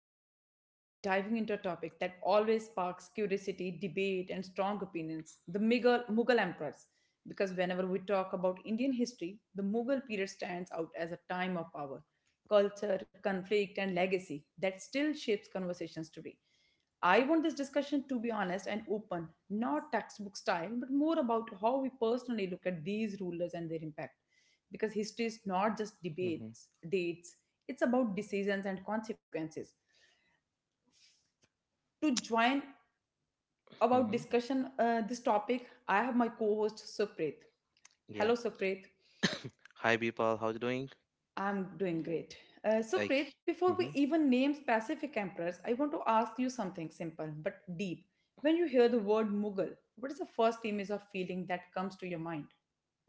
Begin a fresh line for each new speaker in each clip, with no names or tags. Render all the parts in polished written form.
everyone. Today, we are diving into a topic that always sparks curiosity, debate, and strong opinions the Mughal emperors. Because whenever we talk about Indian history, the Mughal period stands out as a time of power, culture, conflict, and legacy that still shapes conversations today. I want this discussion to be honest and open, not textbook style, but more about how we personally look at these rulers and their impact. Because history is not just
Mm-hmm.
debates, dates, it's about decisions and consequences. To join about
Mm-hmm.
discussion this topic, I have my co-host Supreet.
Yeah.
Hello, Supreet.
Hi, people. How's it doing?
I'm doing great.
Like,
Supreet, before
hmm
we even name specific emperors, I want to ask you something simple but deep. When you hear the word Mughal, what is the first image or feeling that comes to your mind?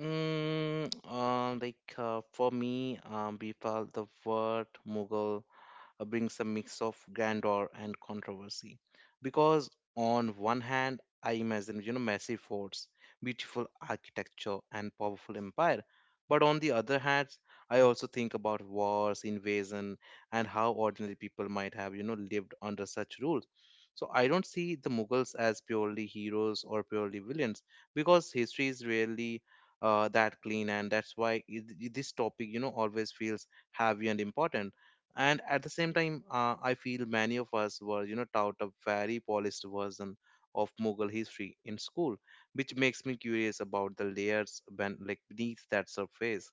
Mm, like For me, Bipal, the word Mughal brings a mix of grandeur and controversy. Because on one hand, I imagine, massive forts, beautiful architecture, and powerful empire. But on the other hand, I also think about wars, invasion, and how ordinary people might have, lived under such rules. So I don't see the Mughals as purely heroes or purely villains because history is rarely that clean, and that's why this topic, always feels heavy and important. And at the same time, I feel many of us were, taught a very polished version of Mughal history in school, which makes me curious about the layers like beneath that surface.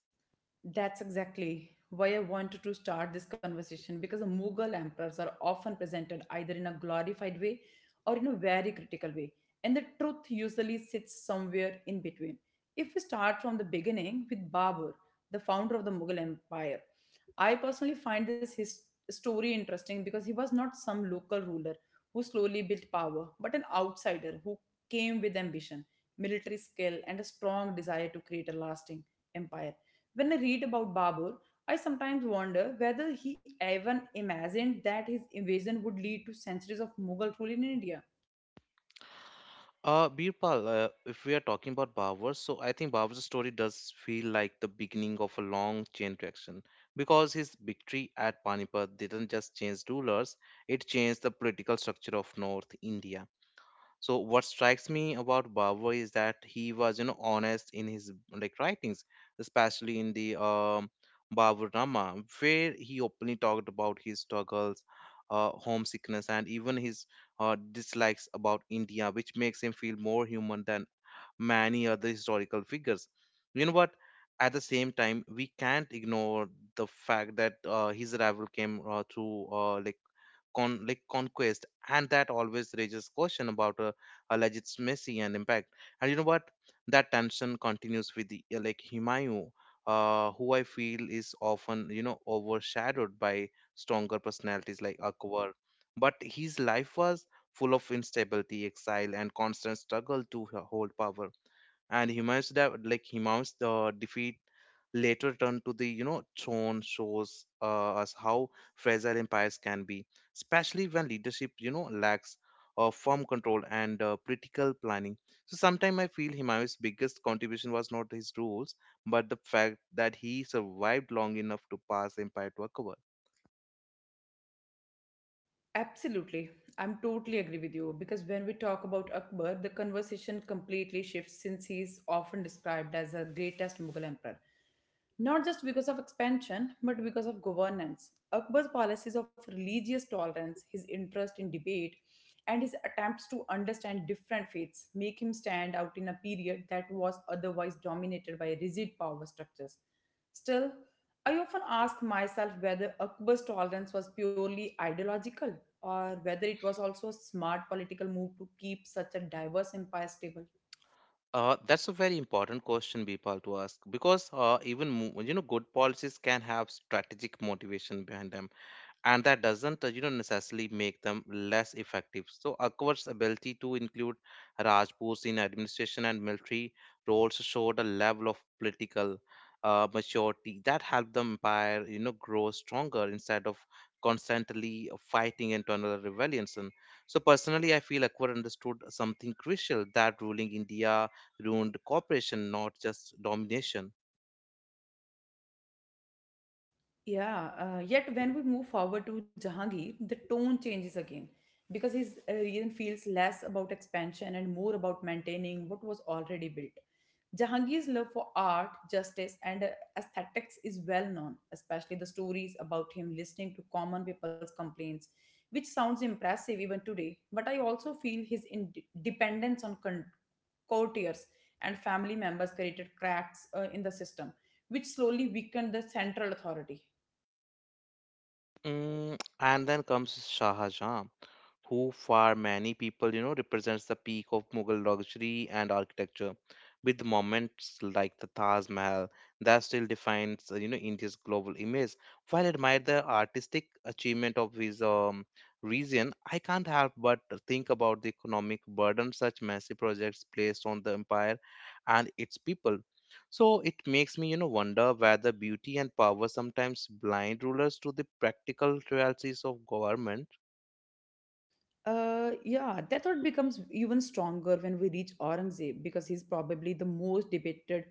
That's exactly why I wanted to start this conversation because the Mughal emperors are often presented either in a glorified way or in a very critical way, and the truth usually sits somewhere in between. If we start from the beginning with Babur, the founder of the Mughal Empire, I personally find this his story interesting because he was not some local ruler who slowly built power, but an outsider who came with ambition, military skill, and a strong desire to create a lasting empire. When I read about Babur, I sometimes wonder whether he even imagined that his invasion would lead to centuries of Mughal rule in India.
Birpal, if we are talking about Babar, so I think Babur's story does feel like the beginning of a long chain reaction because his victory at Panipat didn't just change rulers, it changed the political structure of North India. So what strikes me about Barber is that he was, honest in his like writings, especially in the Baburama, where he openly talked about his struggles, homesickness, and even his dislikes about India, which makes him feel more human than many other historical figures. You know what, at the same time we can't ignore the fact that his arrival came like conquest, and that always raises question about a legitimacy and impact. And you know what, that tension continues with the, like himayu, who I feel is often, overshadowed by stronger personalities like Akbar. But his life was full of instability, exile, and constant struggle to hold power. And Humayun's de- like Humayun's defeat later turn to the, throne shows us how fragile empires can be, especially when leadership, lacks firm control and political planning. So sometimes I feel Humayun's biggest contribution was not his rules, but the fact that he survived long enough to pass the empire to a cover.
Absolutely. I'm totally agree with you because when we talk about Akbar, the conversation completely shifts since he is often described as the greatest Mughal emperor. Not just because of expansion, but because of governance. Akbar's policies of religious tolerance, his interest in debate, and his attempts to understand different faiths make him stand out in a period that was otherwise dominated by rigid power structures. Still, I often ask myself whether Akbar's tolerance was purely ideological or whether it was also a smart political move to keep such a diverse empire stable.
That's a very important question, Bipal, to ask because you know good policies can have strategic motivation behind them, and that doesn't, necessarily make them less effective. So Akbar's ability to include Rajputs in administration and military roles showed a level of political maturity that helped the empire, grow stronger instead of constantly fighting internal rebellions. And so personally I feel Akbar understood something crucial, that ruling India ruined cooperation, not just domination.
Yeah, yet when we move forward to Jahangir, the tone changes again because his reign feels less about expansion and more about maintaining what was already built. Jahangir's love for art, justice, and aesthetics is well known, especially the stories about him listening to common people's complaints, which sounds impressive even today. But I also feel his ind dependence on con- courtiers and family members created cracks in the system, which slowly weakened the central authority.
Mm, and then comes Shah Jahan, who for many people, you know, represents the peak of Mughal luxury and architecture, with moments like the Taj Mahal that still defines, India's global image. While I admire the artistic achievement of his region, I can't help but think about the economic burden such massive projects placed on the empire and its people. So it makes me, you know, wonder whether beauty and power sometimes blind rulers to the practical realities of government.
Yeah, that thought becomes even stronger when we reach Aurangzeb because he's probably the most debated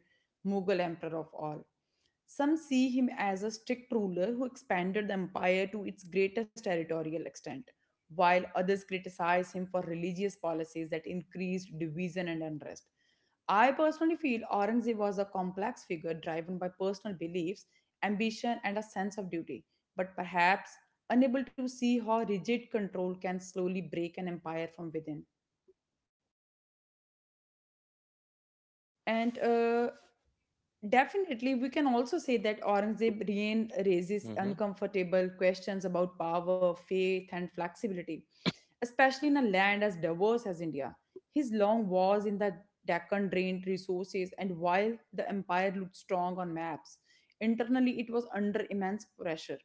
Mughal emperor of all. Some see him as a strict ruler who expanded the empire to its greatest territorial extent, while others criticize him for religious policies that increased division and unrest. I personally feel Aurangzeb was a complex figure driven by personal beliefs, ambition, and a sense of duty, but perhaps unable to see how rigid control can slowly break an empire from within. And Definitely, we can also say that Aurangzeb reign raises
Hmm.
uncomfortable questions about power, faith, and flexibility, especially in a land as diverse as India. His long wars in the Deccan drained resources, and while the empire looked strong on maps, internally it was under immense pressure.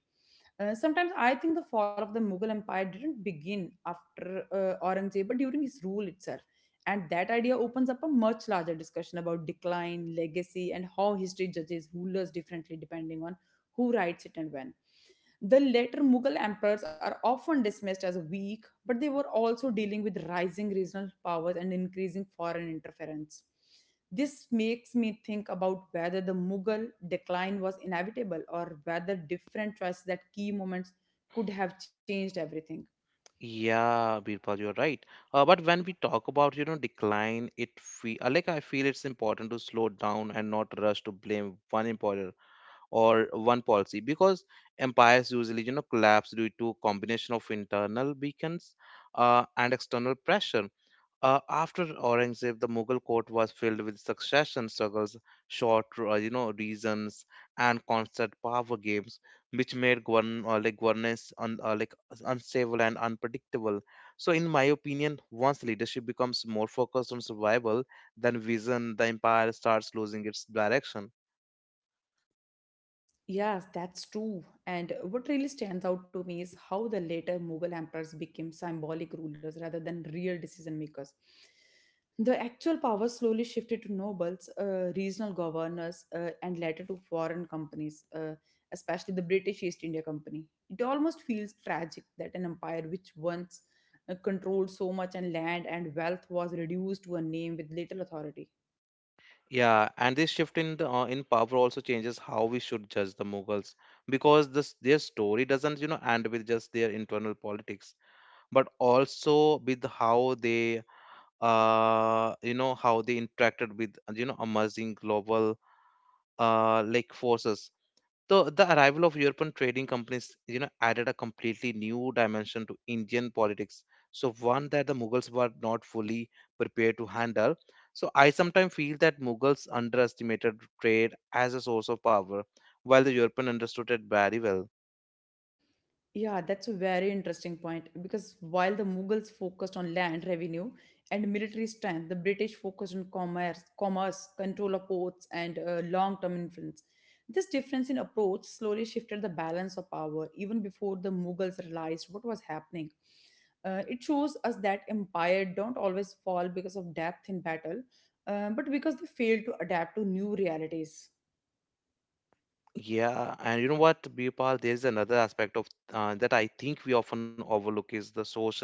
Sometimes I think the fall of the Mughal Empire didn't begin after Aurangzeb, but during his rule itself, and that idea opens up a much larger discussion about decline, legacy, and how history judges rulers differently depending on who writes it and when. The later Mughal emperors are often dismissed as weak, but they were also dealing with rising regional powers and increasing foreign interference. This makes me think about whether the Mughal decline was inevitable or whether different choices at key moments could have changed everything.
Yeah, Birpal, you're right. But when we talk about, you know, decline, it feel like I feel it's important to slow down and not rush to blame one employer or one policy, because empires usually, you know, collapse due to combination of internal beacons and external pressure. After Aurangzeb, the Mughal court was filled with succession struggles, short, reasons, and constant power games, which made governance un, like unstable and unpredictable. So, in my opinion, once leadership becomes more focused on survival than vision, the empire starts losing its direction.
Yes, that's true. And what really stands out to me is how the later Mughal emperors became symbolic rulers rather than real decision makers. The actual power slowly shifted to nobles, regional governors, and later to foreign companies, especially the British East India Company. It almost feels tragic that an empire which once controlled so much and land and wealth was reduced to a name with little authority.
Yeah, and this shift in power also changes how we should judge the Mughals, because this their story doesn't, end with just their internal politics, but also with how they how they interacted with, emerging global forces. So the arrival of European trading companies, added a completely new dimension to Indian politics, so one that the Mughals were not fully prepared to handle. So I sometimes feel that Mughals underestimated trade as a source of power, while the European understood it very well.
Yeah, that's a very interesting point because while the Mughals focused on land revenue and military strength, the British focused on commerce, control of ports, and long-term influence. This difference in approach slowly shifted the balance of power even before the Mughals realized what was happening. It shows us that empire don't always fall because of depth in battle, but because they fail to adapt to new realities.
Yeah, and you know what, Birpal, there is another aspect of that I think we often overlook, is the social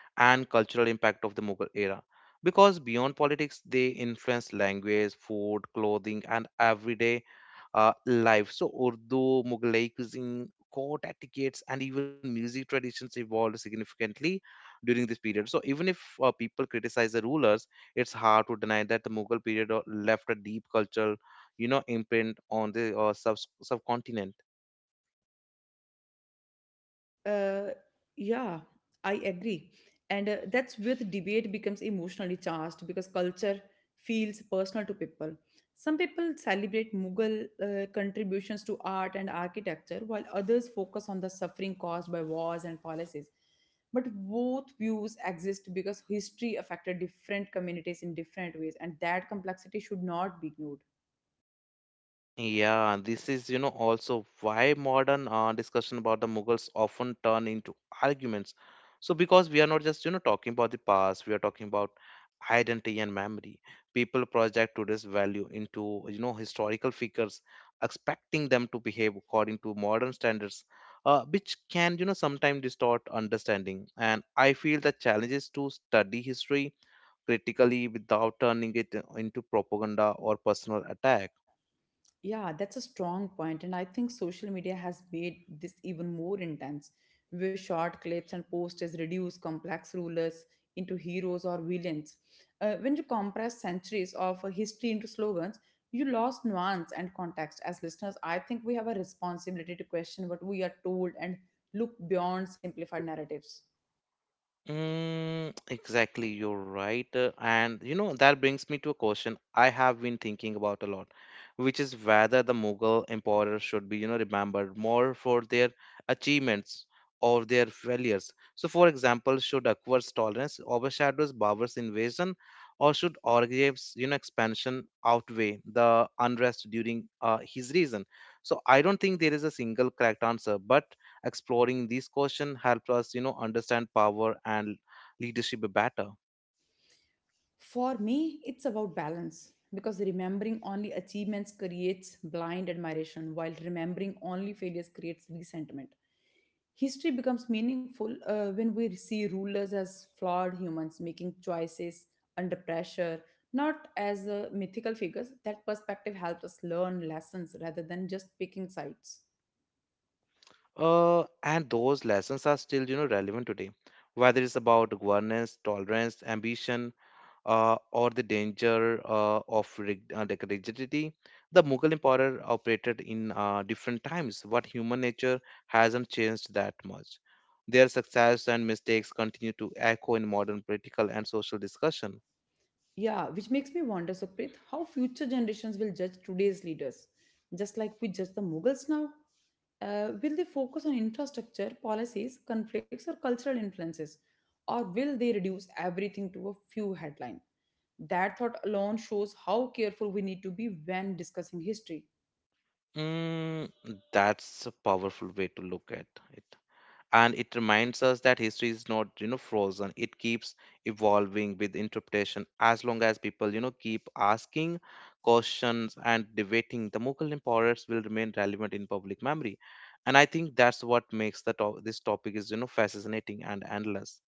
and cultural impact of the Mughal era. Because beyond politics, they influenced language, food, clothing, and everyday life. So, Urdu, Mughalai cuisine, court etiquettes, and even music traditions evolved significantly during this period. So, even if people criticize the rulers, it's hard to deny that the Mughal period left a deep cultural, you know, imprint on the subcontinent.
Uh, yeah, I agree. And that's where the debate becomes emotionally charged because culture feels personal to people. Some people celebrate Mughal contributions to art and architecture, while others focus on the suffering caused by wars and policies. But both views exist because history affected different communities in different ways, and that complexity should not be ignored.
Yeah, this is, you know, also why modern discussion about the Mughals often turn into arguments. So, because we are not just, you know, talking about the past, we are talking about identity and memory. People project today's value into, you know, historical figures, expecting them to behave according to modern standards, which can, you know, sometimes distort understanding. And I feel the challenge is to study history critically without turning it into propaganda or personal attack.
Yeah, that's a strong point, and I think social media has made this even more intense, where short clips and posters reduce complex rulers into heroes or villains. When you compress centuries of history into slogans, you lost nuance and context. As listeners, I think we have a responsibility to question what we are told and look beyond simplified narratives.
Mm, exactly, you're right. And you know, that brings me to a question I have been thinking about a lot, which is whether the Mughal emperors should be, you know, remembered more for their achievements or their failures. So, for example, should Akbar's tolerance overshadow Babur's invasion, or should Aurangzeb's, you know, expansion outweigh the unrest during his reign? So, I don't think there is a single correct answer, but exploring these questions helps us, understand power and leadership better.
For me, it's about balance because remembering only achievements creates blind admiration, while remembering only failures creates resentment. History becomes meaningful when we see rulers as flawed humans making choices under pressure, not as mythical figures. That perspective helps us learn lessons rather than just picking sides.
And those lessons are still, relevant today, whether it's about governance, tolerance, ambition, or the danger of rig- like rigidity. The Mughal empire operated in different times, what human nature hasn't changed that much. Their success and mistakes continue to echo in modern political and social discussion.
Yeah, which makes me wonder, Sukrit, how future generations will judge today's leaders, just like we judge the Mughals now? Will they focus on infrastructure, policies, conflicts, or cultural influences? Or will they reduce everything to a few headlines? That thought alone shows how careful we need to be when discussing history.
Mm, that's a powerful way to look at it. And it reminds us that history is not, you know, frozen. It keeps evolving with interpretation. As long as people, you know, keep asking questions and debating, the Mughal emperors will remain relevant in public memory. And I think that's what makes this topic is, you know, fascinating and endless.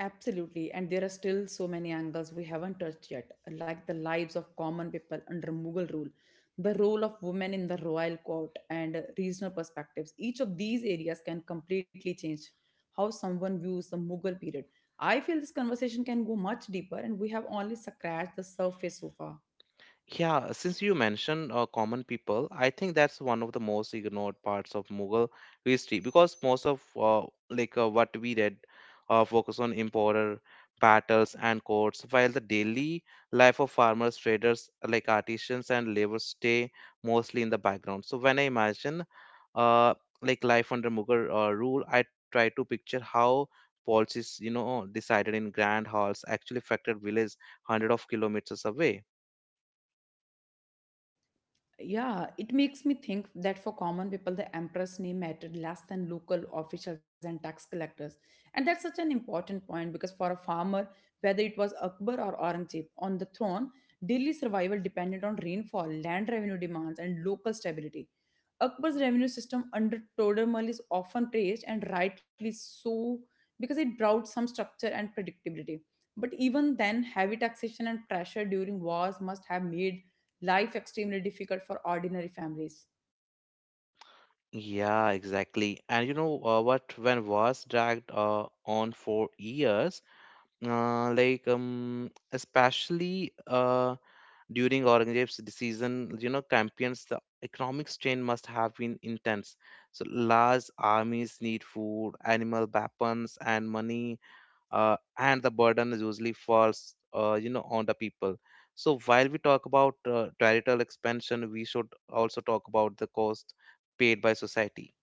Absolutely, and there are still so many angles we haven't touched yet, like the lives of common people under Mughal rule, the role of women in the royal court, and regional perspectives. Each of these areas can completely change how someone views the Mughal period. I feel this conversation can go much deeper, and we have only scratched the surface so far.
Yeah, since you mentioned common people, I think that's one of the most ignored parts of Mughal history, because most of what we read focus on emperor, battles, and courts, while the daily life of farmers, traders, like artisans and laborers stay mostly in the background. So when I imagine uh, like life under Mughal rule, I try to picture how policies, you know, decided in grand halls actually affected villages hundred of kilometers away.
Yeah, it makes me think that for common people, the emperor's name mattered less than local officials and tax collectors. And that's such an important point because for a farmer, whether it was Akbar or Aurangzeb on the throne, daily survival depended on rainfall, land revenue demands, and local stability. Akbar's revenue system under Todermal is often praised, and rightly so, because it brought some structure and predictability. But even then, heavy taxation and pressure during wars must have made life extremely difficult for ordinary families.
Yeah, exactly. And you know what? When was dragged on for years, especially during Aurangzeb's season, you know, campaigns, the economic strain must have been intense. So large armies need food, animal weapons, and money, and the burden is usually falls, on the people. So while we talk about territorial expansion, we should also talk about the cost paid by society.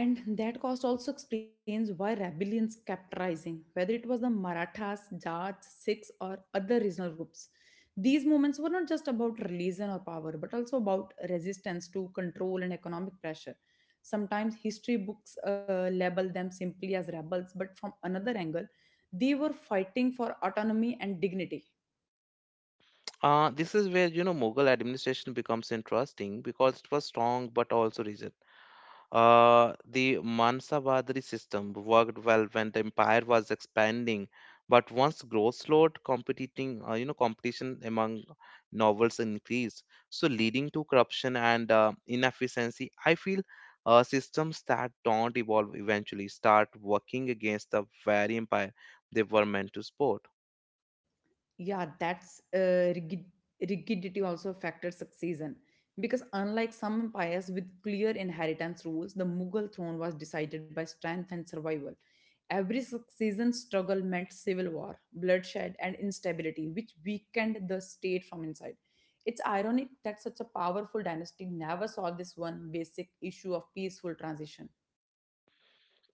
And that cost also explains why rebellions kept rising, whether it was the Marathas, Jats, Sikhs, or other regional groups. These movements were not just about religion or power, but also about resistance to control and economic pressure. Sometimes history books label them simply as rebels, but from another angle, they were fighting for autonomy and dignity.
This is where, Mughal administration becomes interesting because it was strong but also rigid. The Mansa system worked well when the empire was expanding, but once growth slowed, competing competition among nobles increased, so leading to corruption and inefficiency. I feel systems that don't evolve eventually start working against the very empire they were meant to support.
Yeah, that's uh, rigid, Rigidity also affected succession because unlike some empires with clear inheritance rules, the Mughal throne was decided by strength and survival. Every succession struggle meant civil war, bloodshed, and instability, which weakened the state from inside. It's ironic that such a powerful dynasty never solved this one basic issue of peaceful transition.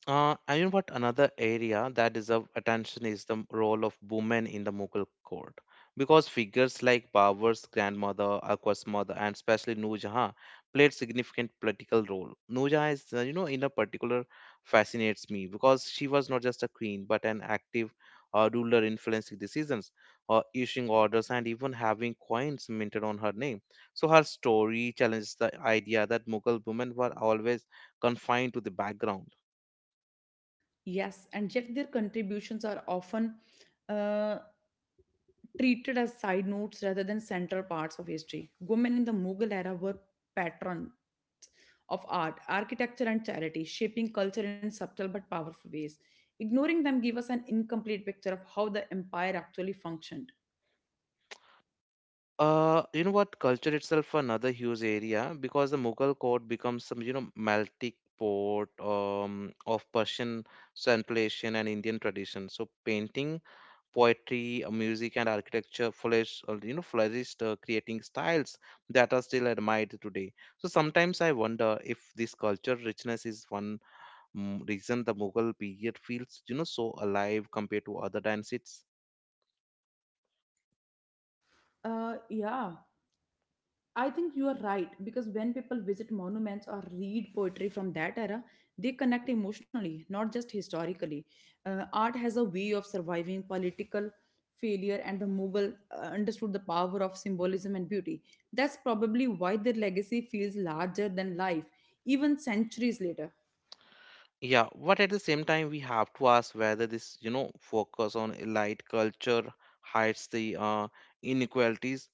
And you know what? Another area that deserves attention is the role of women in the Mughal court. Because figures like Babur's grandmother, Akbar's mother, and especially Noor Jahan played significant political role. Noor Jahan is, you know, in a particular fascinates me because she was not just a queen but an active ruler influencing decisions, issuing orders, and even having coins minted on her name. So her story challenges the idea that Mughal women were always confined to the background.
Yes, and yet their contributions are often uh, treated as side notes rather than central parts of history. Women in the Mughal era were patrons of art, architecture, and charity, shaping culture in subtle but powerful ways. Ignoring them gave us an incomplete picture of how the empire actually functioned.
You know what? Culture itself another huge area, because the Mughal court becomes some, melting pot of Persian, Central Asian, and Indian tradition. So painting, poetry, music, and architecture flourished, creating styles that are still admired today. So sometimes I wonder if this culture richness is one reason the Mughal period feels, so alive compared to other dynasties.
Uh, yeah. I think you are right because when people visit monuments or read poetry from that era, they connect emotionally, not just historically. Art has a way of surviving political failure, and the Mughal understood the power of symbolism and beauty. That's probably why their legacy feels larger than life, even centuries later.
Yeah, but at the same time, we have to ask whether this, you know, focus on elite culture hides the inequalities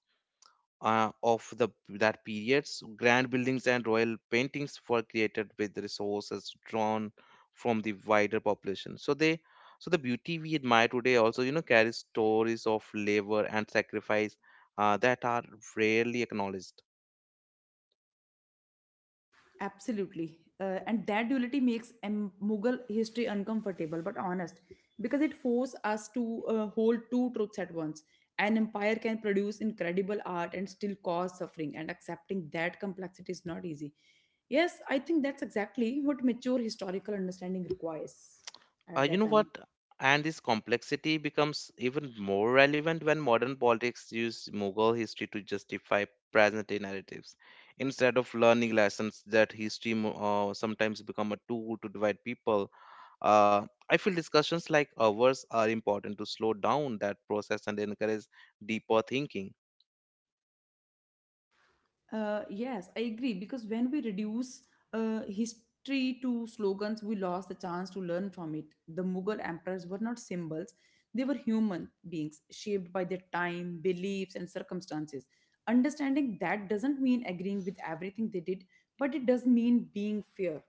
of the that periods. Grand buildings and royal paintings were created with resources drawn from the wider population. So the beauty we admire today also, carries stories of labor and sacrifice that are rarely acknowledged.
Absolutely. And that duality makes Mughal history uncomfortable but honest because it forces us to hold two truths at once. An empire can produce incredible art and still cause suffering, and accepting that complexity is not easy. Yes, I think that's exactly what mature historical understanding requires at
You
that
know what?
time.
And this complexity becomes even more relevant when modern politics use Mughal history to justify present day narratives. Instead of learning lessons that sometimes become a tool to divide people. I feel discussions like ours are important to slow down that process and encourage deeper thinking.
Yes, I agree because when we reduce history to slogans, we lost the chance to learn from it. The Mughal emperors were not symbols, they were human beings shaped by their time, beliefs, and circumstances. Understanding that doesn't mean agreeing with everything they did, but it does mean being fair.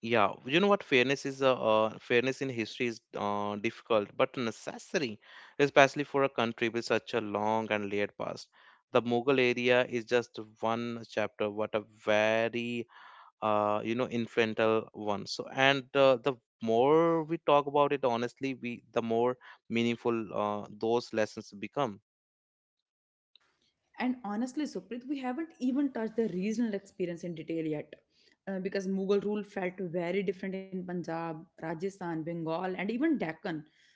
Yeah, you know what? Fairness in history is difficult but necessary, especially for a country with such a long and layered past. The Mughal area is just one chapter, but a very influential one. So, and The more we talk about it, honestly, we the more meaningful those lessons become.
And honestly, Suprit, we haven't even touched the regional experience in detail yet. Because Mughal rule felt very different in Punjab, Rajasthan, Bengal, and even Deccan.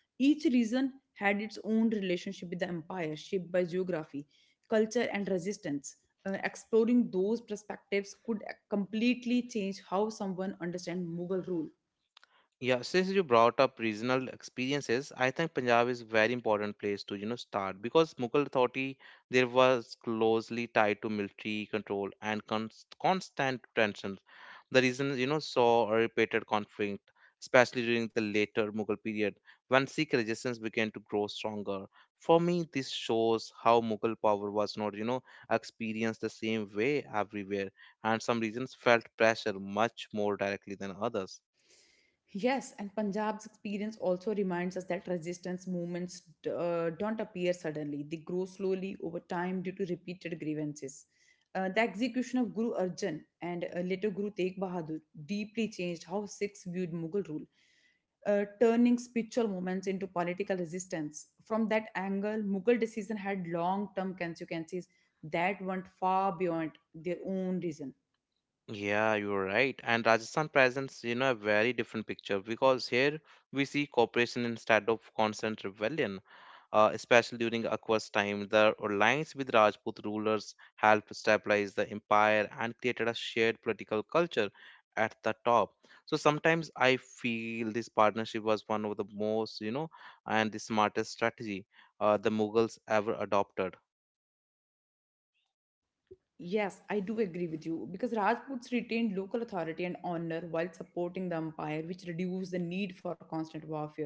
Each region had its own relationship with the empire, shaped by geography, culture, and resistance. Exploring those perspectives could completely change how someone understands Mughal rule.
Yeah, since you brought up regional experiences, I think Punjab is very important place to, start because Mughal authority there was closely tied to military control and constant tensions. The reason, saw a repeated conflict, especially during the later Mughal period when Sikh resistance began to grow stronger. For me, this shows how Mughal power was not, experienced the same way everywhere, and some regions felt pressure much more directly than others.
Yes, and Punjab's experience also reminds us that resistance movements don't appear suddenly. They grow slowly over time due to repeated grievances. The execution of Guru Arjan and later Guru Tegh Bahadur deeply changed how Sikhs viewed Mughal rule, turning spiritual movements into political resistance. From that angle, Mughal decision had long term consequences that went far beyond their own reason.
Yeah, you're right. And Rajasthan presents, a very different picture because here we see cooperation instead of constant rebellion. Especially during Akbar's time, the alliance with Rajput rulers helped stabilize the empire and created a shared political culture at the top. So sometimes I feel this partnership was one of the most, you know, and the smartest strategy the Mughals ever adopted.
Yes, I do agree with you because Rajputs retained local authority and honor while supporting the empire, which reduced the need for constant warfare.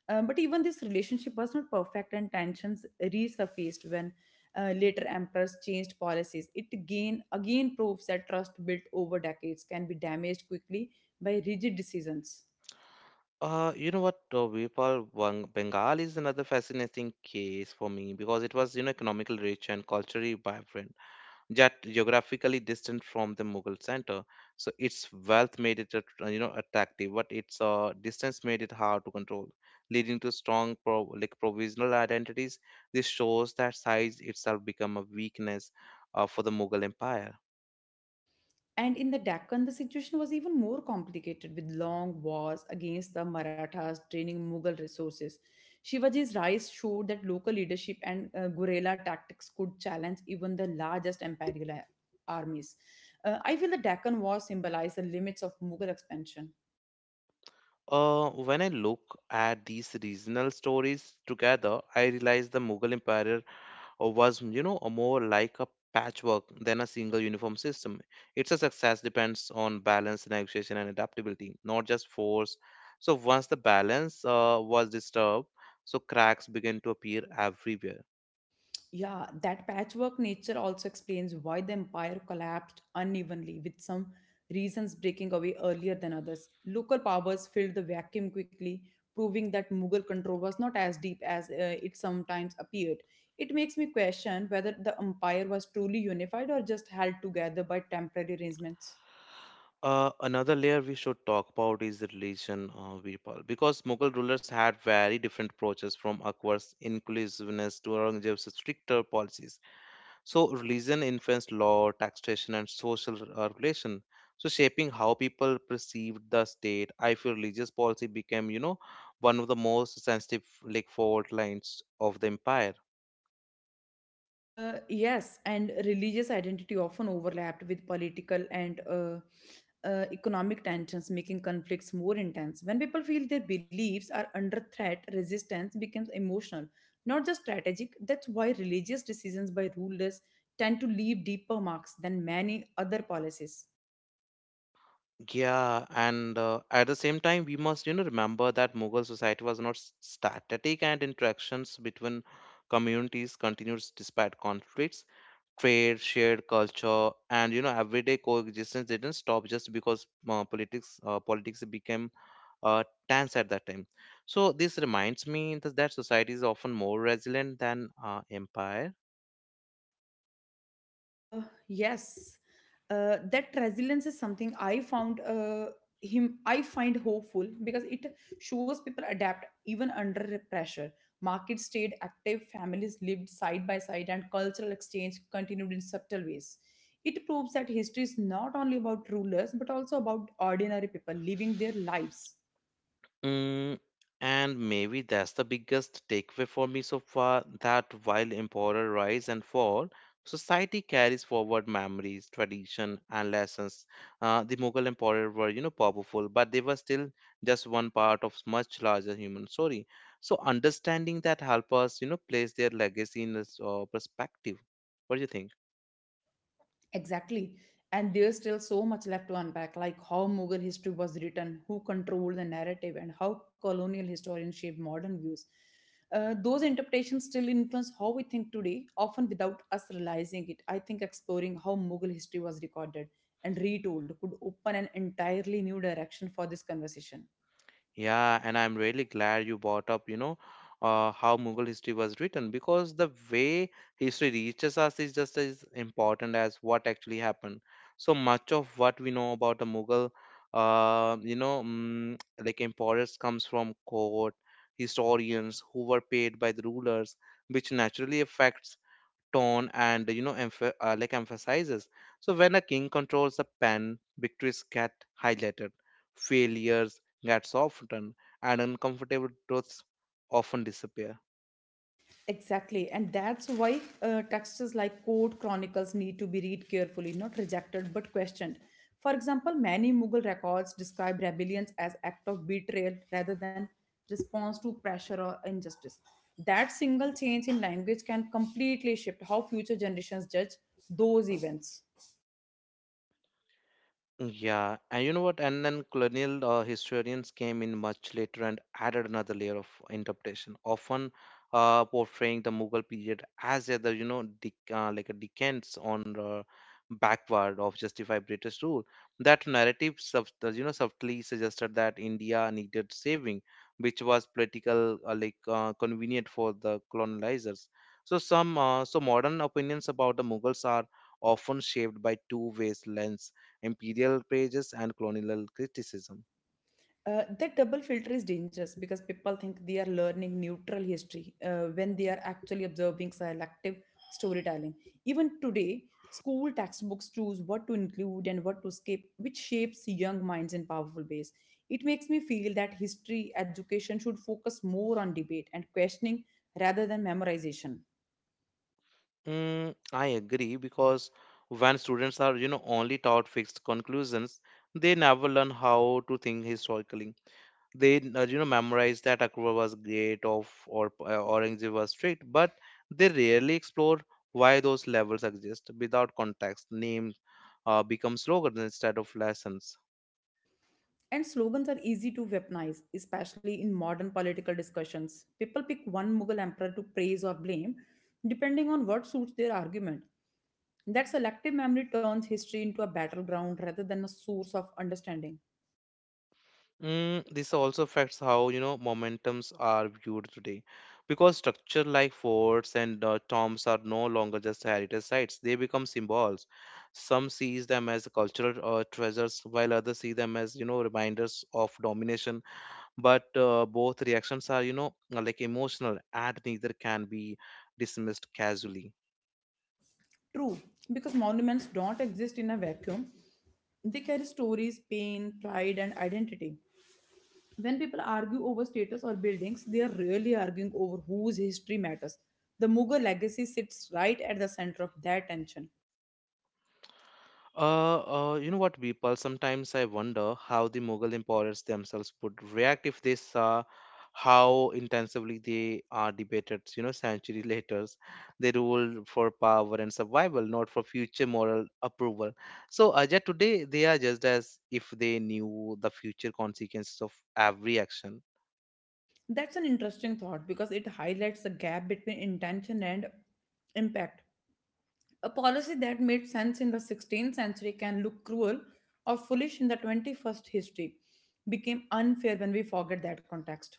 But even this relationship was not perfect, and tensions resurfaced when later emperors changed policies. It again proves that trust built over decades can be damaged quickly by rigid decisions.
Vipul, Bengal is another fascinating case for me because it was, economically rich and culturally vibrant, yet geographically distant from the Mughal center. So its wealth made it attractive, but its distance made it hard to control, leading to strong, pro like provisional identities. This shows that size itself become a weakness for the Mughal empire.
And in the Deccan, the situation was even more complicated with long wars against the Marathas draining Mughal resources. Shivaji's rise showed that local leadership and guerrilla tactics could challenge even the largest imperial armies. I feel the Deccan War symbolized the limits of Mughal expansion.
When I look at these regional stories together, I realize the Mughal Empire or was a more like a patchwork than a single uniform system. It's a success depends on balance, negotiation, and adaptability, not just force. So once the balance was disturbed, so cracks began to appear everywhere.
Yeah, that patchwork nature also explains why the empire collapsed unevenly, with some regions breaking away earlier than others. Local powers filled the vacuum quickly, proving that Mughal control was not as deep as it sometimes appeared. It makes me question whether the empire was truly unified or just held together by temporary arrangements.
Another layer we should talk about is the religion, Virpal, because Mughal rulers had very different approaches, from Akbar's inclusiveness to Aurangzeb's stricter policies. So religion influenced law, taxation, and social regulation. So shaping how people perceived the state, I feel religious policy became, one of the most sensitive like fault lines of the empire.
Yes, and religious identity often overlapped with political and economic tensions, making conflicts more intense. When people feel their beliefs are under threat, resistance becomes emotional, not just strategic. That's why religious decisions by rulers tend to leave deeper marks than many other policies.
Yeah, and at the same time, we must, remember that Mughal society was not s- static, and interactions between communities continued despite conflicts. Trade, shared culture, and everyday coexistence didn't stop just because politics became tense at that time. So this reminds me that society is often more resilient than empire.
Uh, yes, that resilience is something I found him. I find hopeful because it shows people adapt even under pressure. Markets stayed active, families lived side by side, and cultural exchange continued in subtle ways. It proves that history is not only about rulers but also about ordinary people living their lives.
Mm, and maybe that's the biggest takeaway for me so far, that while emperor rise and fall, society carries forward memories, tradition, and lessons. The Mughal emperor were, powerful, but they were still just one part of much larger human story. So understanding that help us, place their legacy in this perspective. What do you think?
Exactly. And there's still so much left to unpack, like how Mughal history was written, who controlled the narrative, and how colonial historians shaped modern views. Those interpretations still influence how we think today, often without us realizing it. I think exploring how Mughal history was recorded and retold could open an entirely new direction for this conversation.
Yeah, and I'm really glad you brought up, how Mughal history was written, because the way history reaches us is just as important as what actually happened. So much of what we know about the Mughal, like emperors comes from court historians who were paid by the rulers, which naturally affects tone and like emphasizes. So when a king controls a pen, victories get highlighted, failures get softened, and uncomfortable truths often disappear.
Exactly, and that's why texts like court chronicles need to be read carefully, not rejected but questioned. For example, many Mughal records describe rebellions as act of betrayal rather than response to pressure or injustice. That single change in language can completely shift how future generations judge those events.
Yeah, and you know what? And then colonial historians came in much later and added another layer of interpretation, often portraying the Mughal period as either, you know, dec like a decadence on backward of justified British rule. That narrative, subtly suggested that India needed saving, which was political, convenient for the colonizers. So modern opinions about the Mughals are often shaped by two ways lens: imperial pages and colonial criticism.
That double filter is dangerous because people think they are learning neutral history when they are actually observing selective storytelling. Even today, school textbooks choose what to include and what to skip, which shapes young minds in powerful ways. It makes me feel that history education should focus more on debate and questioning rather than memorization.
Mm, I agree, because when students are only taught fixed conclusions, they never learn how to think historically. They memorize that Akbar was great of or Aurangzeb was strict, but they rarely explore why those levels exist. Without context, names become slogans instead of lessons.
And slogans are easy to weaponize, especially in modern political discussions. People pick one Mughal emperor to praise or blame, depending on what suits their argument. That selective memory turns history into a battleground rather than a source of understanding.
Mm, this also affects how, momentums are viewed today. Because structure like forts and tombs are no longer just heritage sites, they become symbols. Some sees them as cultural treasures, while others see them as, reminders of domination. But both reactions are, like emotional, and neither can be dismissed casually.
True, because monuments don't exist in a vacuum, they carry stories, pain, pride, and identity. When people argue over status or buildings, they are really arguing over whose history matters. The Mughal legacy sits right at the center of that tension.
People? Sometimes I wonder how the Mughal emperors themselves would react if they saw how intensively they are debated, you know, century later. They ruled for power and survival, not for future moral approval. So, yet today, they are just as if they knew the future consequences of every action.
That's an interesting thought because it highlights the gap between intention and impact. A policy that made sense in the 16th century can look cruel or foolish in the 21st history, became unfair when we forget that context.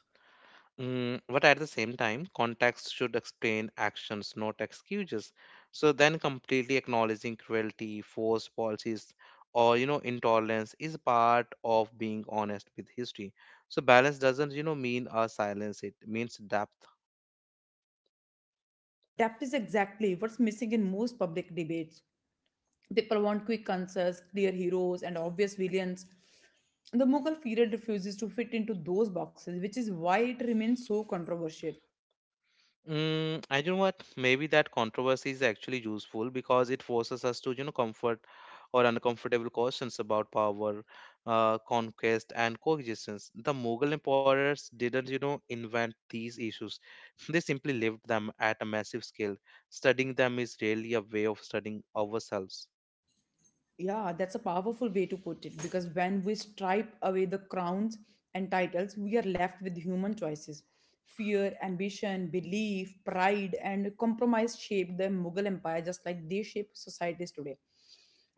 Mm, but at the same time, context should explain actions, not excuses. So then, completely acknowledging cruelty, forced policies, or you know, intolerance is part of being honest with history. So balance doesn't mean a silence; it means depth.
Depth is exactly what's missing in most public debates. People want quick answers, clear heroes, and obvious villains. The Mughal period refuses to fit into those boxes, which is why it remains so controversial.
Mm, and you know what? Maybe that controversy is actually useful, because it forces us to, comfort or uncomfortable questions about power, conquest, and coexistence. The Mughal emperors didn't, invent these issues. They simply lived them at a massive scale. Studying them is really a way of studying ourselves.
Yeah, that's a powerful way to put it because when we stripe away the crowns and titles, we are left with human choices. Fear, ambition, belief, pride, and compromise shaped the Mughal Empire just like they shape societies today.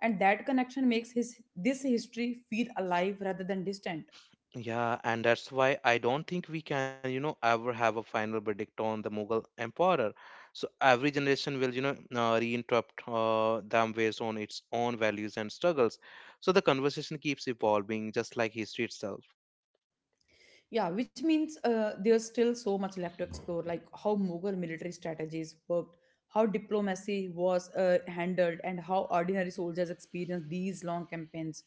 And that connection makes his this history feel alive rather than distant.
Yeah, and that's why I don't think we can, ever have a final verdict on the Mughal emperor. So every generation will, reinterrupt them based on its own values and struggles. So the conversation keeps evolving, just like history itself.
Yeah, which means there's still so much left to explore, like how Mughal military strategies worked, how diplomacy was handled, and how ordinary soldiers experienced these long campaigns.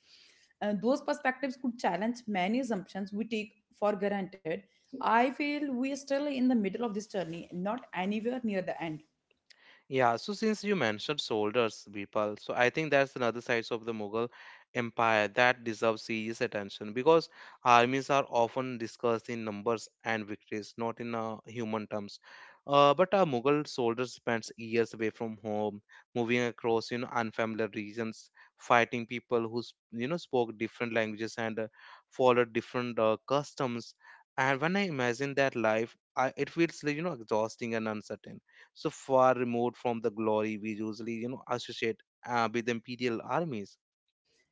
And those perspectives could challenge many assumptions we take for granted. I feel we are still in the middle of this journey, not anywhere near the end.
Yeah, so since you mentioned soldiers, Vipal, so I think that's another side of the Mughal Empire that deserves serious attention, because armies are often discussed in numbers and victories, not in human terms. But a Mughal soldier spends years away from home, moving across unfamiliar regions, fighting people who spoke different languages and followed different customs. And when I imagine that life, it feels like exhausting and uncertain, so far removed from the glory we usually associate with imperial armies.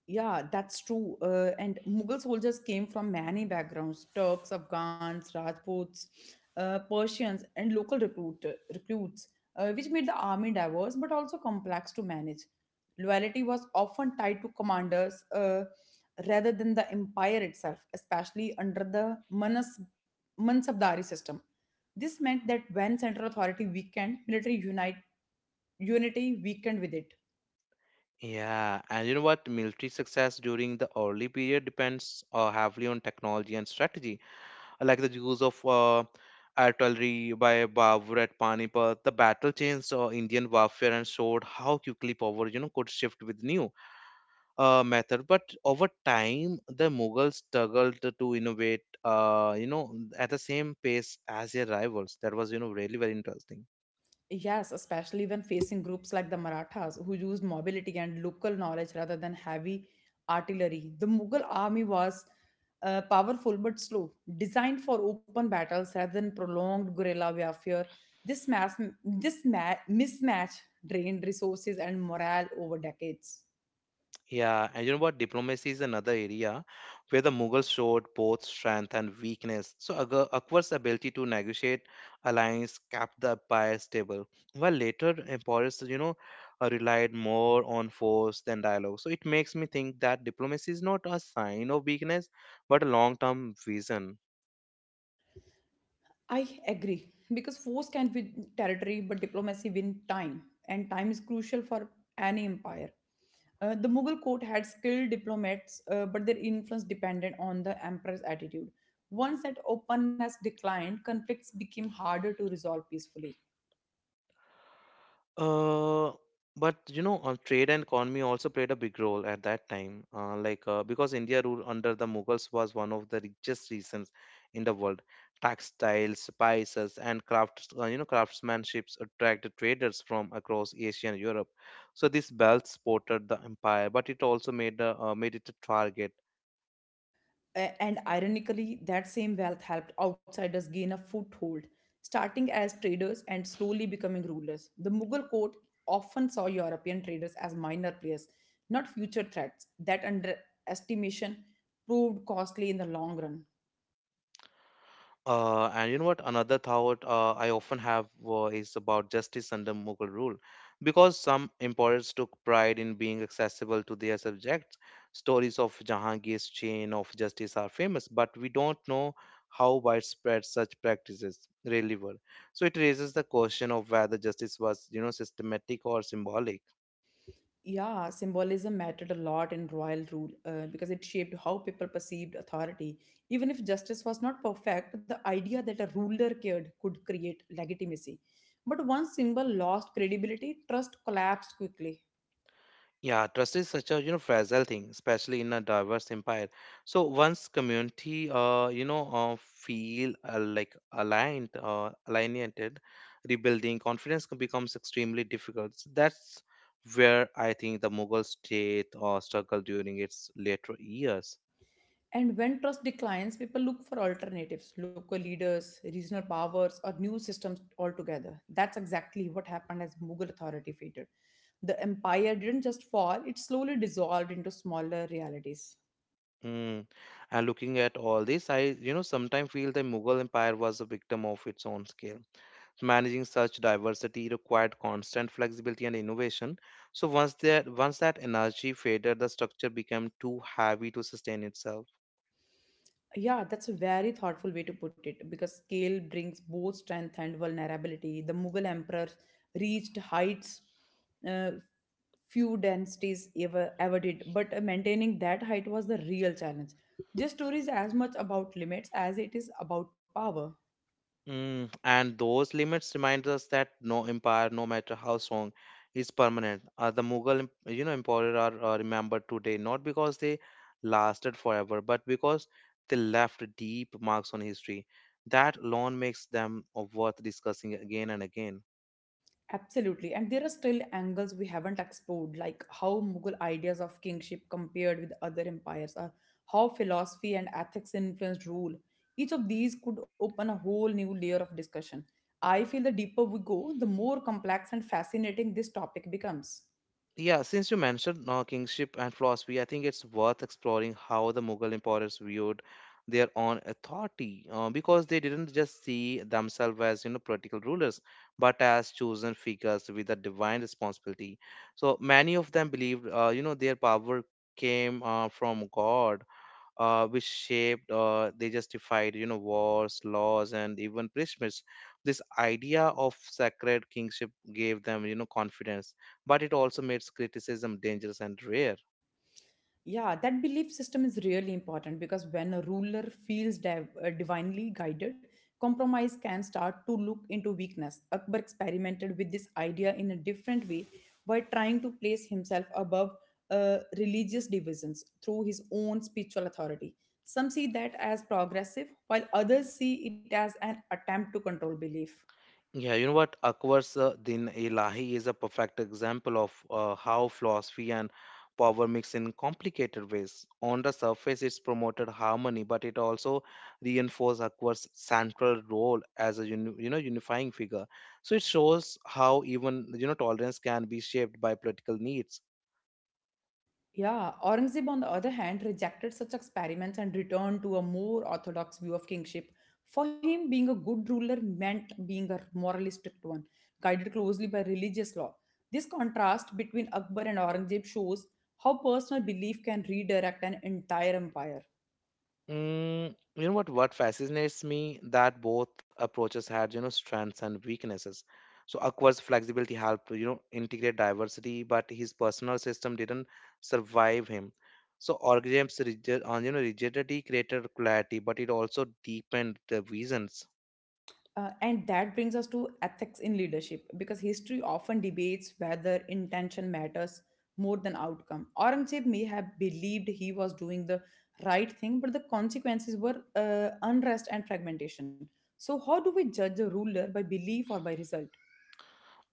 Yeah, that's true. And Mughal soldiers came from many backgrounds Turks, Afghans, Rajputs, Persians, and recruits, which made the army diverse but also complex to manage. Loyalty was often tied to commanders rather than the empire itself, especially under the Mansabdari system. This meant that when central authority weakened, unity weakened with it.
Yeah and you know what Military success during the early period depends heavily on technology and strategy. Like the use of artillery by Babur at Panipat, the battle changed Indian warfare and showed how quickly power could shift with new method. But over time the Mughals struggled to innovate, uh, you know at the same pace as their rivals. That was really very interesting.
Yes, especially when facing groups like the Marathas, who used mobility and local knowledge rather than heavy artillery. The Mughal army was powerful but slow, designed for open battles rather than prolonged guerrilla warfare. This, mass, this ma- mismatch drained resources and morale over decades.
Yeah, and you know what? Diplomacy is another area where the Mughals showed both strength and weakness. So Akbar's ability to negotiate alliance kept the empire stable, while later emperors, relied more on force than dialogue. So it makes me think that diplomacy is not a sign of weakness, but a long-term vision.
I agree because force can win territory, but diplomacy win time, and time is crucial for any empire. The Mughal court had skilled diplomats, but their influence depended on the emperor's attitude. Once that openness declined, conflicts became harder to resolve peacefully.
Uh, but you know, trade and economy also played a big role at that time. Because India ruled under the Mughals was one of the richest regions in the world. Textiles, spices, and crafts, craftsmanships attracted traders from across Asia and Europe. So this belt supported the empire, but it also made the made it a target.
And ironically, that same wealth helped outsiders gain a foothold, starting as traders and slowly becoming rulers. The Mughal court often saw European traders as minor players, not future threats. That underestimation proved costly in the long run.
And you know what? Another thought I often have is about justice under Mughal rule. Because some emperors took pride in being accessible to their subjects, stories of Jahangir's chain of justice are famous, but we don't know how widespread such practices really were. So it raises the question of whether justice was, systematic or symbolic.
Yeah, symbolism mattered a lot in royal rule because it shaped how people perceived authority. Even if justice was not perfect, the idea that a ruler cared could create legitimacy. But once symbol lost credibility, trust collapsed quickly.
Yeah, trust is such a fragile thing, especially in a diverse empire. So once community, you know, feel like aligned, alienated, rebuilding becomes extremely difficult. So that's where I think the Mughal state struggled during its later years.
And when trust declines, people look for alternatives local leaders, regional powers, or new systems altogether. That's exactly what happened as Mughal authority faded. The empire didn't just fall, it slowly dissolved into smaller realities.
Mm. And looking at all this, I sometimes feel the Mughal empire was a victim of its own scale. Managing such diversity required constant flexibility and innovation. So once that energy faded, the structure became too heavy to sustain itself.
Yeah, that's a very thoughtful way to put it because scale brings both strength and vulnerability. The Mughal emperors reached heights uh, few dynasties ever did, but maintaining that height was the real challenge. This story is as much about limits as it is about power.
Mm, and those limits remind us that no empire, no matter how strong, is permanent. The Mughal, emperors are remembered today not because they lasted forever, but because they left deep marks on history. That alone makes them worth discussing again and again.
Absolutely. And there are still angles we haven't explored, like how Mughal ideas of kingship compared with other empires, or how philosophy and ethics influenced rule. Each of these could open a whole new layer of discussion. I feel the deeper we go, the more complex and fascinating this topic becomes.
Yeah, since you mentioned kingship and philosophy, I think it's worth exploring how the Mughal emperors viewed their own authority, because they didn't just see themselves as political rulers, but as chosen figures with a divine responsibility. So many of them believed, their power came from God, which shaped or they justified, wars, laws, and even punishments. This idea of sacred kingship gave them, confidence, but it also made criticism dangerous and rare.
Yeah, that belief system is really important because when a ruler feels divinely guided, compromise can start to look into weakness. Akbar experimented with this idea in a different way by trying to place himself above religious divisions through his own spiritual authority. Some see that as progressive, while others see it as an attempt to control belief.
Yeah, you know what? Akbar's Din Ilahi is a perfect example of how philosophy and power mix in complicated ways. On the surface, it's promoted harmony, but it also reinforces Akbar's central role as a unifying figure. So it shows how even, tolerance can be shaped by political needs.
Yeah, Aurangzeb, on the other hand, rejected such experiments and returned to a more orthodox view of kingship. For him, being a good ruler meant being a morally strict one, guided closely by religious law. This contrast between Akbar and Aurangzeb shows how personal belief can redirect an entire empire.
Mm, you know what? What fascinates me that both approaches had, strengths and weaknesses. So Akbar's flexibility helped, integrate diversity, but his personal system didn't survive him. So Orgrim's rigid, rigidity created clarity, but it also deepened the visions.
And that brings us to ethics in leadership because history often debates whether intention matters more than outcome. Aurangzeb may have believed he was doing the right thing, but the consequences were unrest and fragmentation. So, how do we judge a ruler by belief or by result?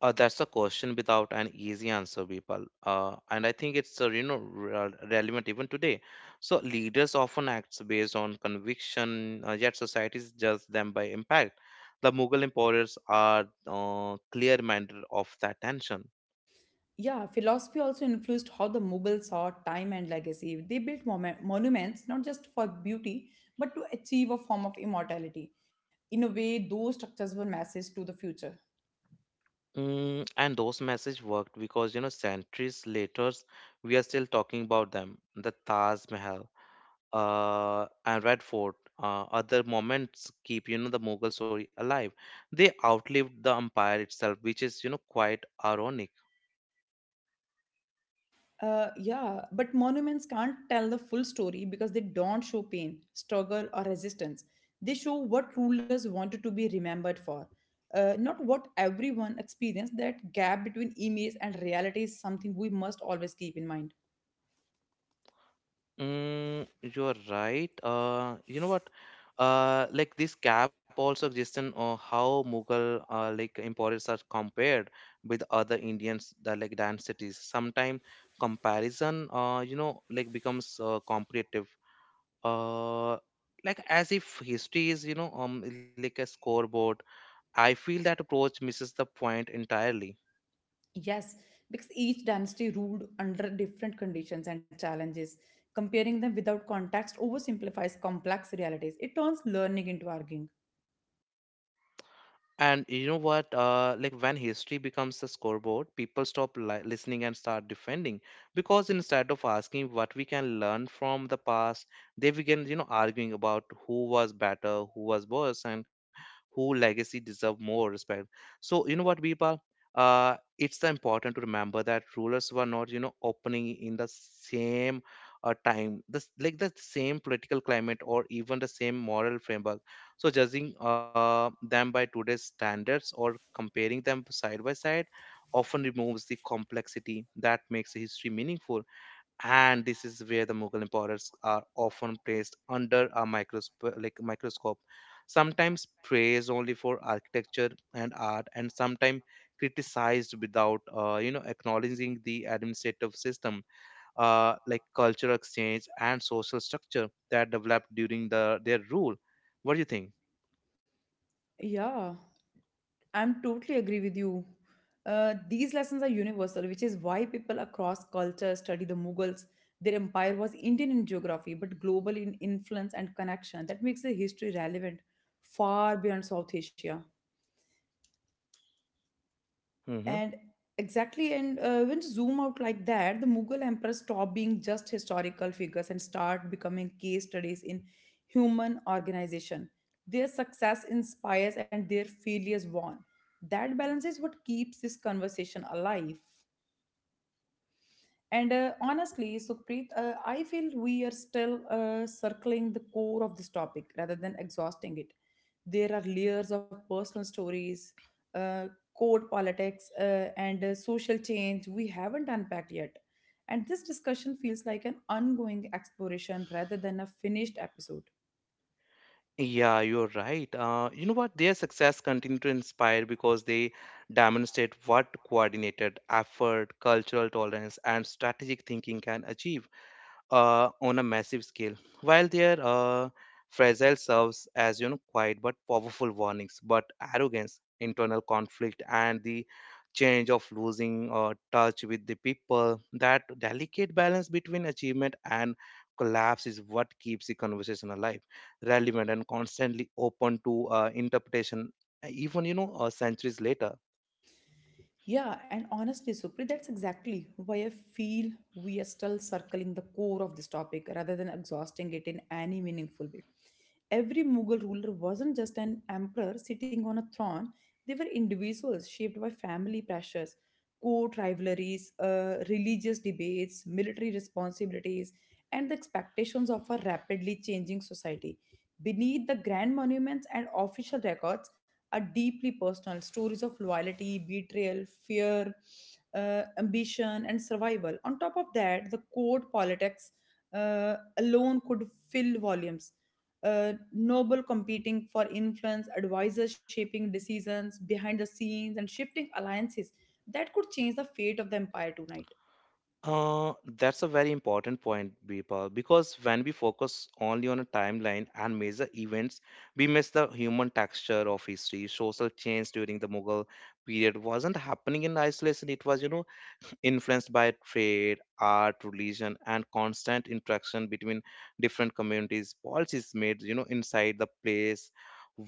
That's a question without an easy answer, people. And I think it's relevant even today. So leaders often act based on conviction, yet societies judge them by impact. The Mughal emperors are clear-minded of that tension.
Yeah, philosophy also influenced how the Mughals saw time and legacy. They built monuments not just for beauty, but to achieve a form of immortality. In a way, those structures were messages to the future.
Mm, and those messages worked because, centuries later we are still talking about them. The Taj Mahal and Red Fort, other moments keep, the Mughal story alive. They outlived the empire itself, which is, quite ironic.
Yeah, but monuments can't tell the full story because they don't show pain, struggle, or resistance. They show what rulers wanted to be remembered for, not what everyone experienced. That gap between image and reality is something we must always keep in mind.
Mm, you're right. You know what? This gap also exists in how Mughal empires are compared with other Indians that dynasties. Sometimes comparison, becomes comparative. Uh, as if history is, a scoreboard. I feel that approach misses the point entirely.
Yes, because each dynasty ruled under different conditions and challenges. Comparing them without context oversimplifies complex realities, it turns learning into arguing.
And you know what? Like when history becomes a scoreboard, people stop listening and start defending, because instead of asking what we can learn from the past, they begin, arguing about who was better, who was worse, and who legacy deserve more respect. So you know what, Bipa? It's the important to remember that rulers were not, opening in the same time, this like the same political climate or even the same moral framework. So judging them by today's standards or comparing them side by side often removes the complexity that makes history meaningful. And this is where the Mughal emperors are often placed under a microscope, like microscope, sometimes praised only for architecture and art, and sometimes criticized without, acknowledging the administrative system, cultural exchange, and social structure that developed during the their rule. What do you think?
Yeah. I'm totally agree with you. These lessons are universal, which is why people across cultures study the Mughals. Their empire was Indian in geography, but global in influence and connection. That makes the history relevant far beyond South Asia.
Hmm.
And exactly, and when zoom out like that, the Mughal emperors stop being just historical figures and start becoming case studies in human organization. Their success inspires and their failures warn. That balance is what keeps this conversation alive. And Honestly, Sukhpreet, I feel we are still circling the core of this topic rather than exhausting it. There are layers of personal stories, uh, code politics, and social change we haven't unpacked yet. And this discussion feels like an ongoing exploration rather than a finished episode.
Yeah, you're right. You know what? Their success continue to inspire because they demonstrate what coordinated effort, cultural tolerance, and strategic thinking can achieve on a massive scale, while their fragile serves as, quiet but powerful warnings. But arrogance, internal conflict, and the change of losing touch with the people, that delicate balance between achievement and collapse is what keeps the conversation alive, relevant, and constantly open to interpretation, even, centuries later.
Yeah, and honestly, Supreet, that's exactly why I feel we are still circling the core of this topic rather than exhausting it in any meaningful way. Every Mughal ruler wasn't just an emperor sitting on a throne, they were individuals shaped by family pressures, court rivalries, religious debates, military responsibilities, and the expectations of a rapidly changing society. Beneath the grand monuments and official records, are deeply personal stories of loyalty, betrayal, fear, ambition, and survival. On top of that, the court politics alone could fill volumes. Noble competing for influence, advisors shaping decisions behind the scenes, and shifting alliances that could change the fate of the empire tonight.
Uh, that's a very important point, Bipal, because when we focus only on a timeline and measure events, we miss the human texture of history. Social change during the Mughal period wasn't happening in isolation. It was, influenced by trade, art, religion, and constant interaction between different communities. Policies made, inside the place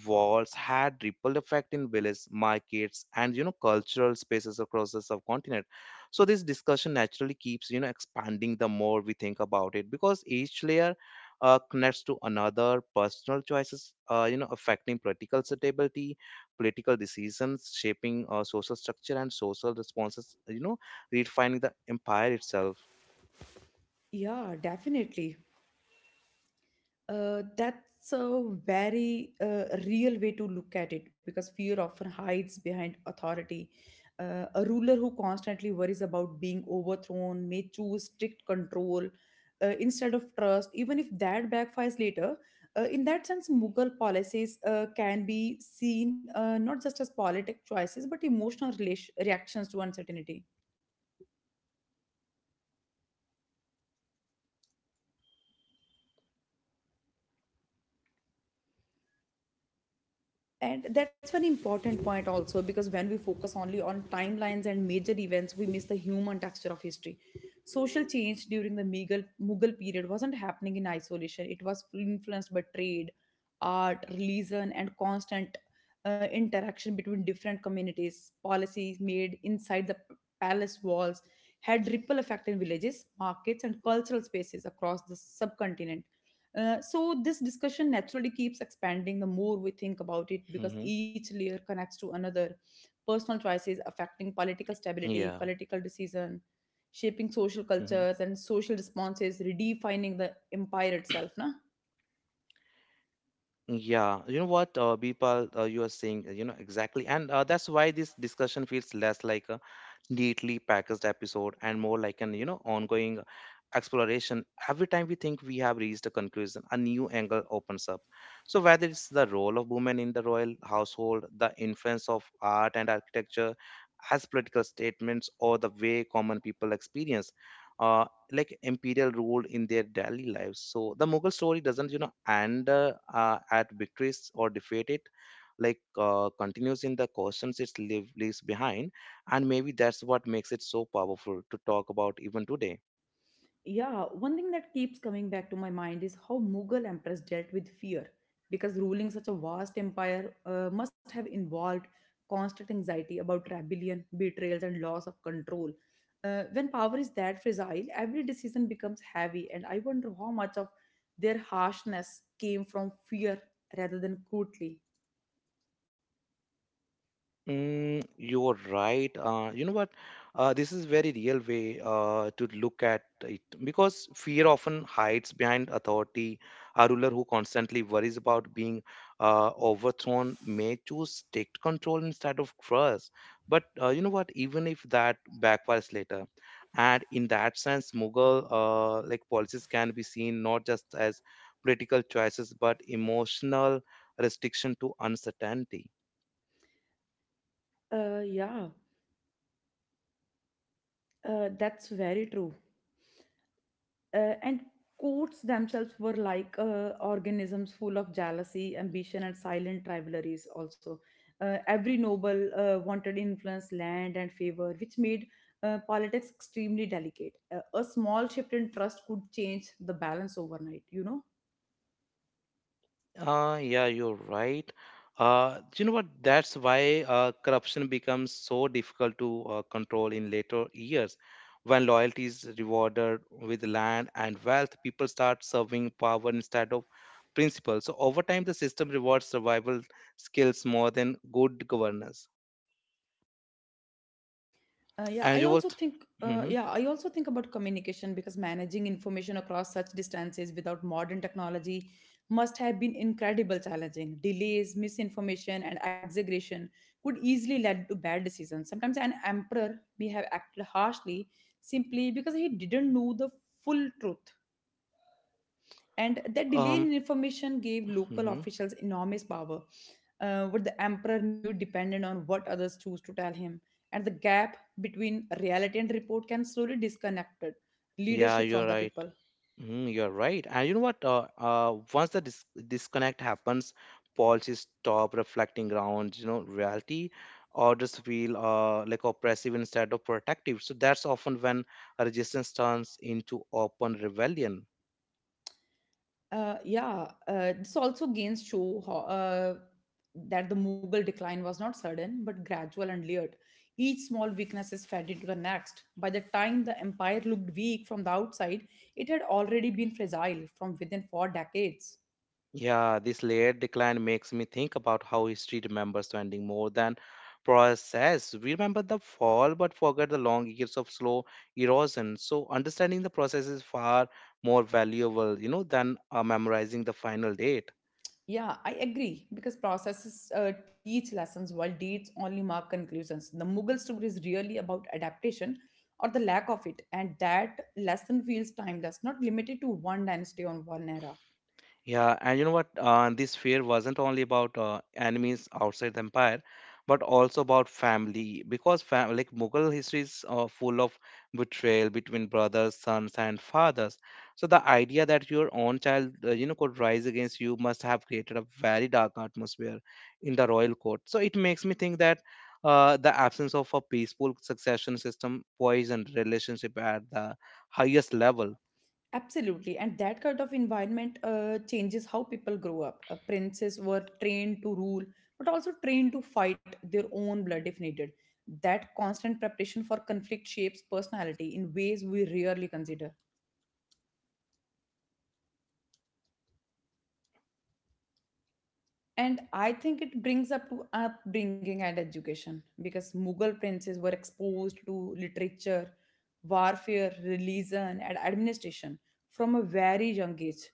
walls had ripple effect in villages, markets, and, cultural spaces across the subcontinent. So this discussion naturally keeps, expanding the more we think about it, because each layer connects to another: personal choices, affecting political stability, political decisions shaping social structure, and social responses, redefining the empire itself.
Yeah, definitely. That's a very real way to look at it because fear often hides behind authority. A ruler who constantly worries about being overthrown may choose strict control instead of trust, even if that backfires later. In that sense, Mughal policies can be seen not just as politic choices but emotional reactions to uncertainty. And that's an important point also, because when we focus only on timelines and major events we miss the human texture of history. Social change during the Mughal period wasn't happening in isolation. It was influenced by trade, art, religion, and constant interaction between different communities. Policies made inside the palace walls had ripple effect in villages, markets, and cultural spaces across the subcontinent. So this discussion naturally keeps expanding the more we think about it, because
Hmm.
each layer connects to another. Personal choices affecting political stability,
Yeah.
political decision shaping social
Hmm.
cultures, and social responses redefining the empire itself, na.
Yeah, you know what, Bipal, you are saying, exactly. And that's why this discussion feels less like a neatly packaged episode and more like an, ongoing exploration. Every time we think we have reached a conclusion, a new angle opens up. So whether it's the role of women in the royal household, the influence of art and architecture as political statements, or the way common people experience uh, imperial rule in their daily lives, so the Mughal story doesn't, end at victories or defeat. It continues in the questions it leaves behind, and maybe that's what makes it so powerful to talk about even today.
Yeah, one thing that keeps coming back to my mind is how Mughal emperors dealt with fear, because ruling such a vast empire must have involved constant anxiety about rebellion, betrayals, and loss of control. When power is that fragile, every decision becomes heavy, and I wonder how much of their harshness came from fear rather than cruelty.
Mm, you're right. You know what? This is very real way to look at it because fear often hides behind authority. A ruler who constantly worries about being overthrown may choose strict control instead of trust. But you know what? Even if that backfires later, and in that sense, Mughal policies can be seen not just as political choices but emotional restriction to uncertainty.
Yeah, that's very true. And courts themselves were like organisms full of jealousy, ambition, and silent rivalries. Also, every noble wanted influence, land, and favor, which made politics extremely delicate. A small shift in trust could change the balance overnight, you know.
Yeah, you're right. You know what? That's why corruption becomes so difficult to control in later years. When loyalty is rewarded with land and wealth, people start serving power instead of principle. So over time, the system rewards survival skills more than good governance.
Yeah,
And
I
you will.
also think.
Hmm.
Yeah, I also think about communication, because managing information across such distances without modern technology must have been incredibly challenging. Delays, misinformation, and exaggeration could easily lead to bad decisions. Sometimes an emperor may have acted harshly simply because he didn't know the full truth, and that delay
Um,
in information gave local
mhm.
officials enormous power. What the emperor knew depended on what others choose to tell him, and the gap between reality and report can slowly disconnected
Yeah,
leadership from
you're
the
right.
people.
Mm, you're right. And you know what? Once the disconnect happens, policies stop reflecting around, reality, or just feel oppressive instead of protective. So that's often when a resistance turns into open rebellion.
Yeah, this also gains show how that the Mughal decline was not sudden but gradual and layered. Each small weakness is fed into the next. By the time the empire looked weak from the outside, it had already been fragile from within for decades.
Yeah, this layered decline makes me think about how history remembers the ending more than process. We remember the fall but forget the long years of slow erosion. So understanding the process is far more valuable, than memorizing the final date.
Yeah, I agree, because processes teach lessons while dates only mark conclusions. The Mughal story is really about adaptation or the lack of it, and that lesson feels timeless, not limited to one dynasty or one era.
Yeah, and you know what? This fear wasn't only about enemies outside the empire, but also about family, because fam like Mughal history is full of betrayal between brothers, sons, and fathers. So the idea that your own child, could rise against you must have created a very dark atmosphere in the royal court. So it makes me think that the absence of a peaceful succession system poisoned relationship at the highest level.
Absolutely, and that kind of environment changes how people grow up. Princes were trained to rule, but also trained to fight their own blood if needed. That constant preparation for conflict shapes personality in ways we rarely consider. And I think it brings up to upbringing and education, because Mughal princes were exposed to literature, warfare, religion, and administration from a very young age.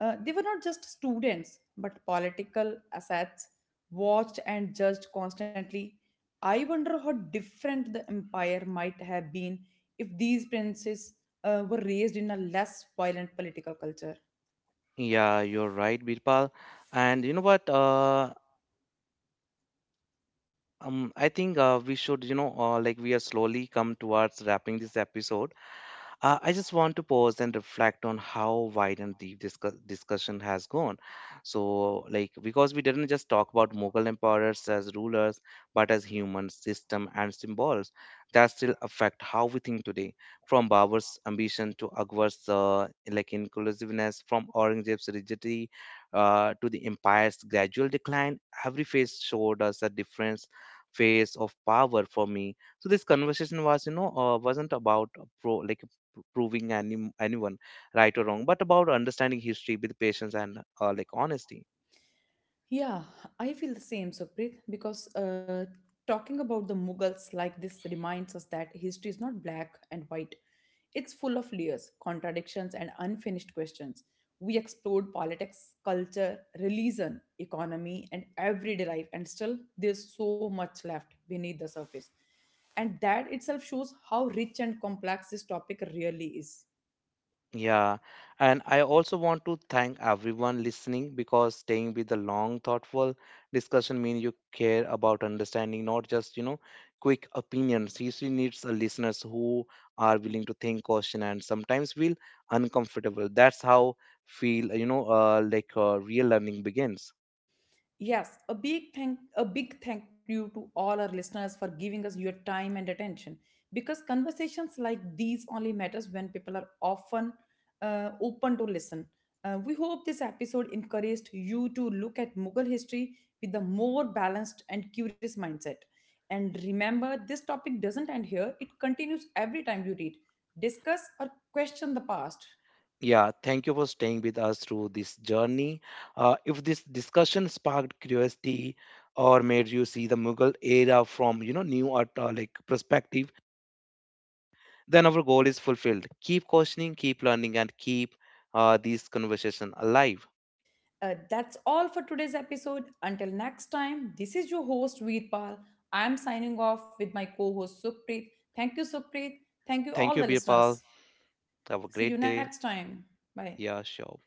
They were not just students, but political assets, watched and judged constantly. I wonder how different the empire might have been if these princes were raised in a less violent political culture.
Yeah, you're right, Birpal. And you know what? I think we should, we are slowly come towards wrapping this episode. I just want to pause and reflect on how wide and deep this discussion has gone. So, like, because we didn't just talk about Mughal emperors as rulers, but as human system and symbols that still affect how we think today. From Babur's ambition to Akbar's inclusiveness, from Aurangzeb's rigidity to the empire's gradual decline, every phase showed us a different phase of power. For me, so this conversation was, wasn't about pro like proving anyone right or wrong, but about understanding history with patience and honesty.
Yeah, I feel the same, Supreet, because talking about the Mughals like this reminds us that history is not black and white. It's full of layers, contradictions, and unfinished questions. We explored politics, culture, religion, economy, and everyday life, and still there's so much left beneath the surface. And that itself shows how rich and complex this topic really is.
Yeah, and I also want to thank everyone listening, because staying with the long, thoughtful discussion means you care about understanding, not just, quick opinions. History needs a listeners who are willing to think, question, and sometimes feel uncomfortable. That's how feel real learning begins.
Yes, a big thank you to all our listeners for giving us your time and attention, because conversations like these only matters when people are often open to listen. We hope this episode encouraged you to look at Mughal history with a more balanced and curious mindset. And remember, this topic doesn't end here; it continues every time you read, discuss, or question the past.
Yeah, thank you for staying with us through this journey. If this discussion sparked curiosity or made you see the Mughal era from, new art, perspective, then our goal is fulfilled. Keep questioning, keep learning, and keep this conversation alive.
That's all for today's episode. Until next time, this is your host Veerpal. I'm signing off with my co-host Sukhpreet. Thank you, Sukhpreet. Thank you all
Thank
the
you,
listeners.
Birpal. Have a
See you
great
next
day.
time. Bye.
Yeah, sure.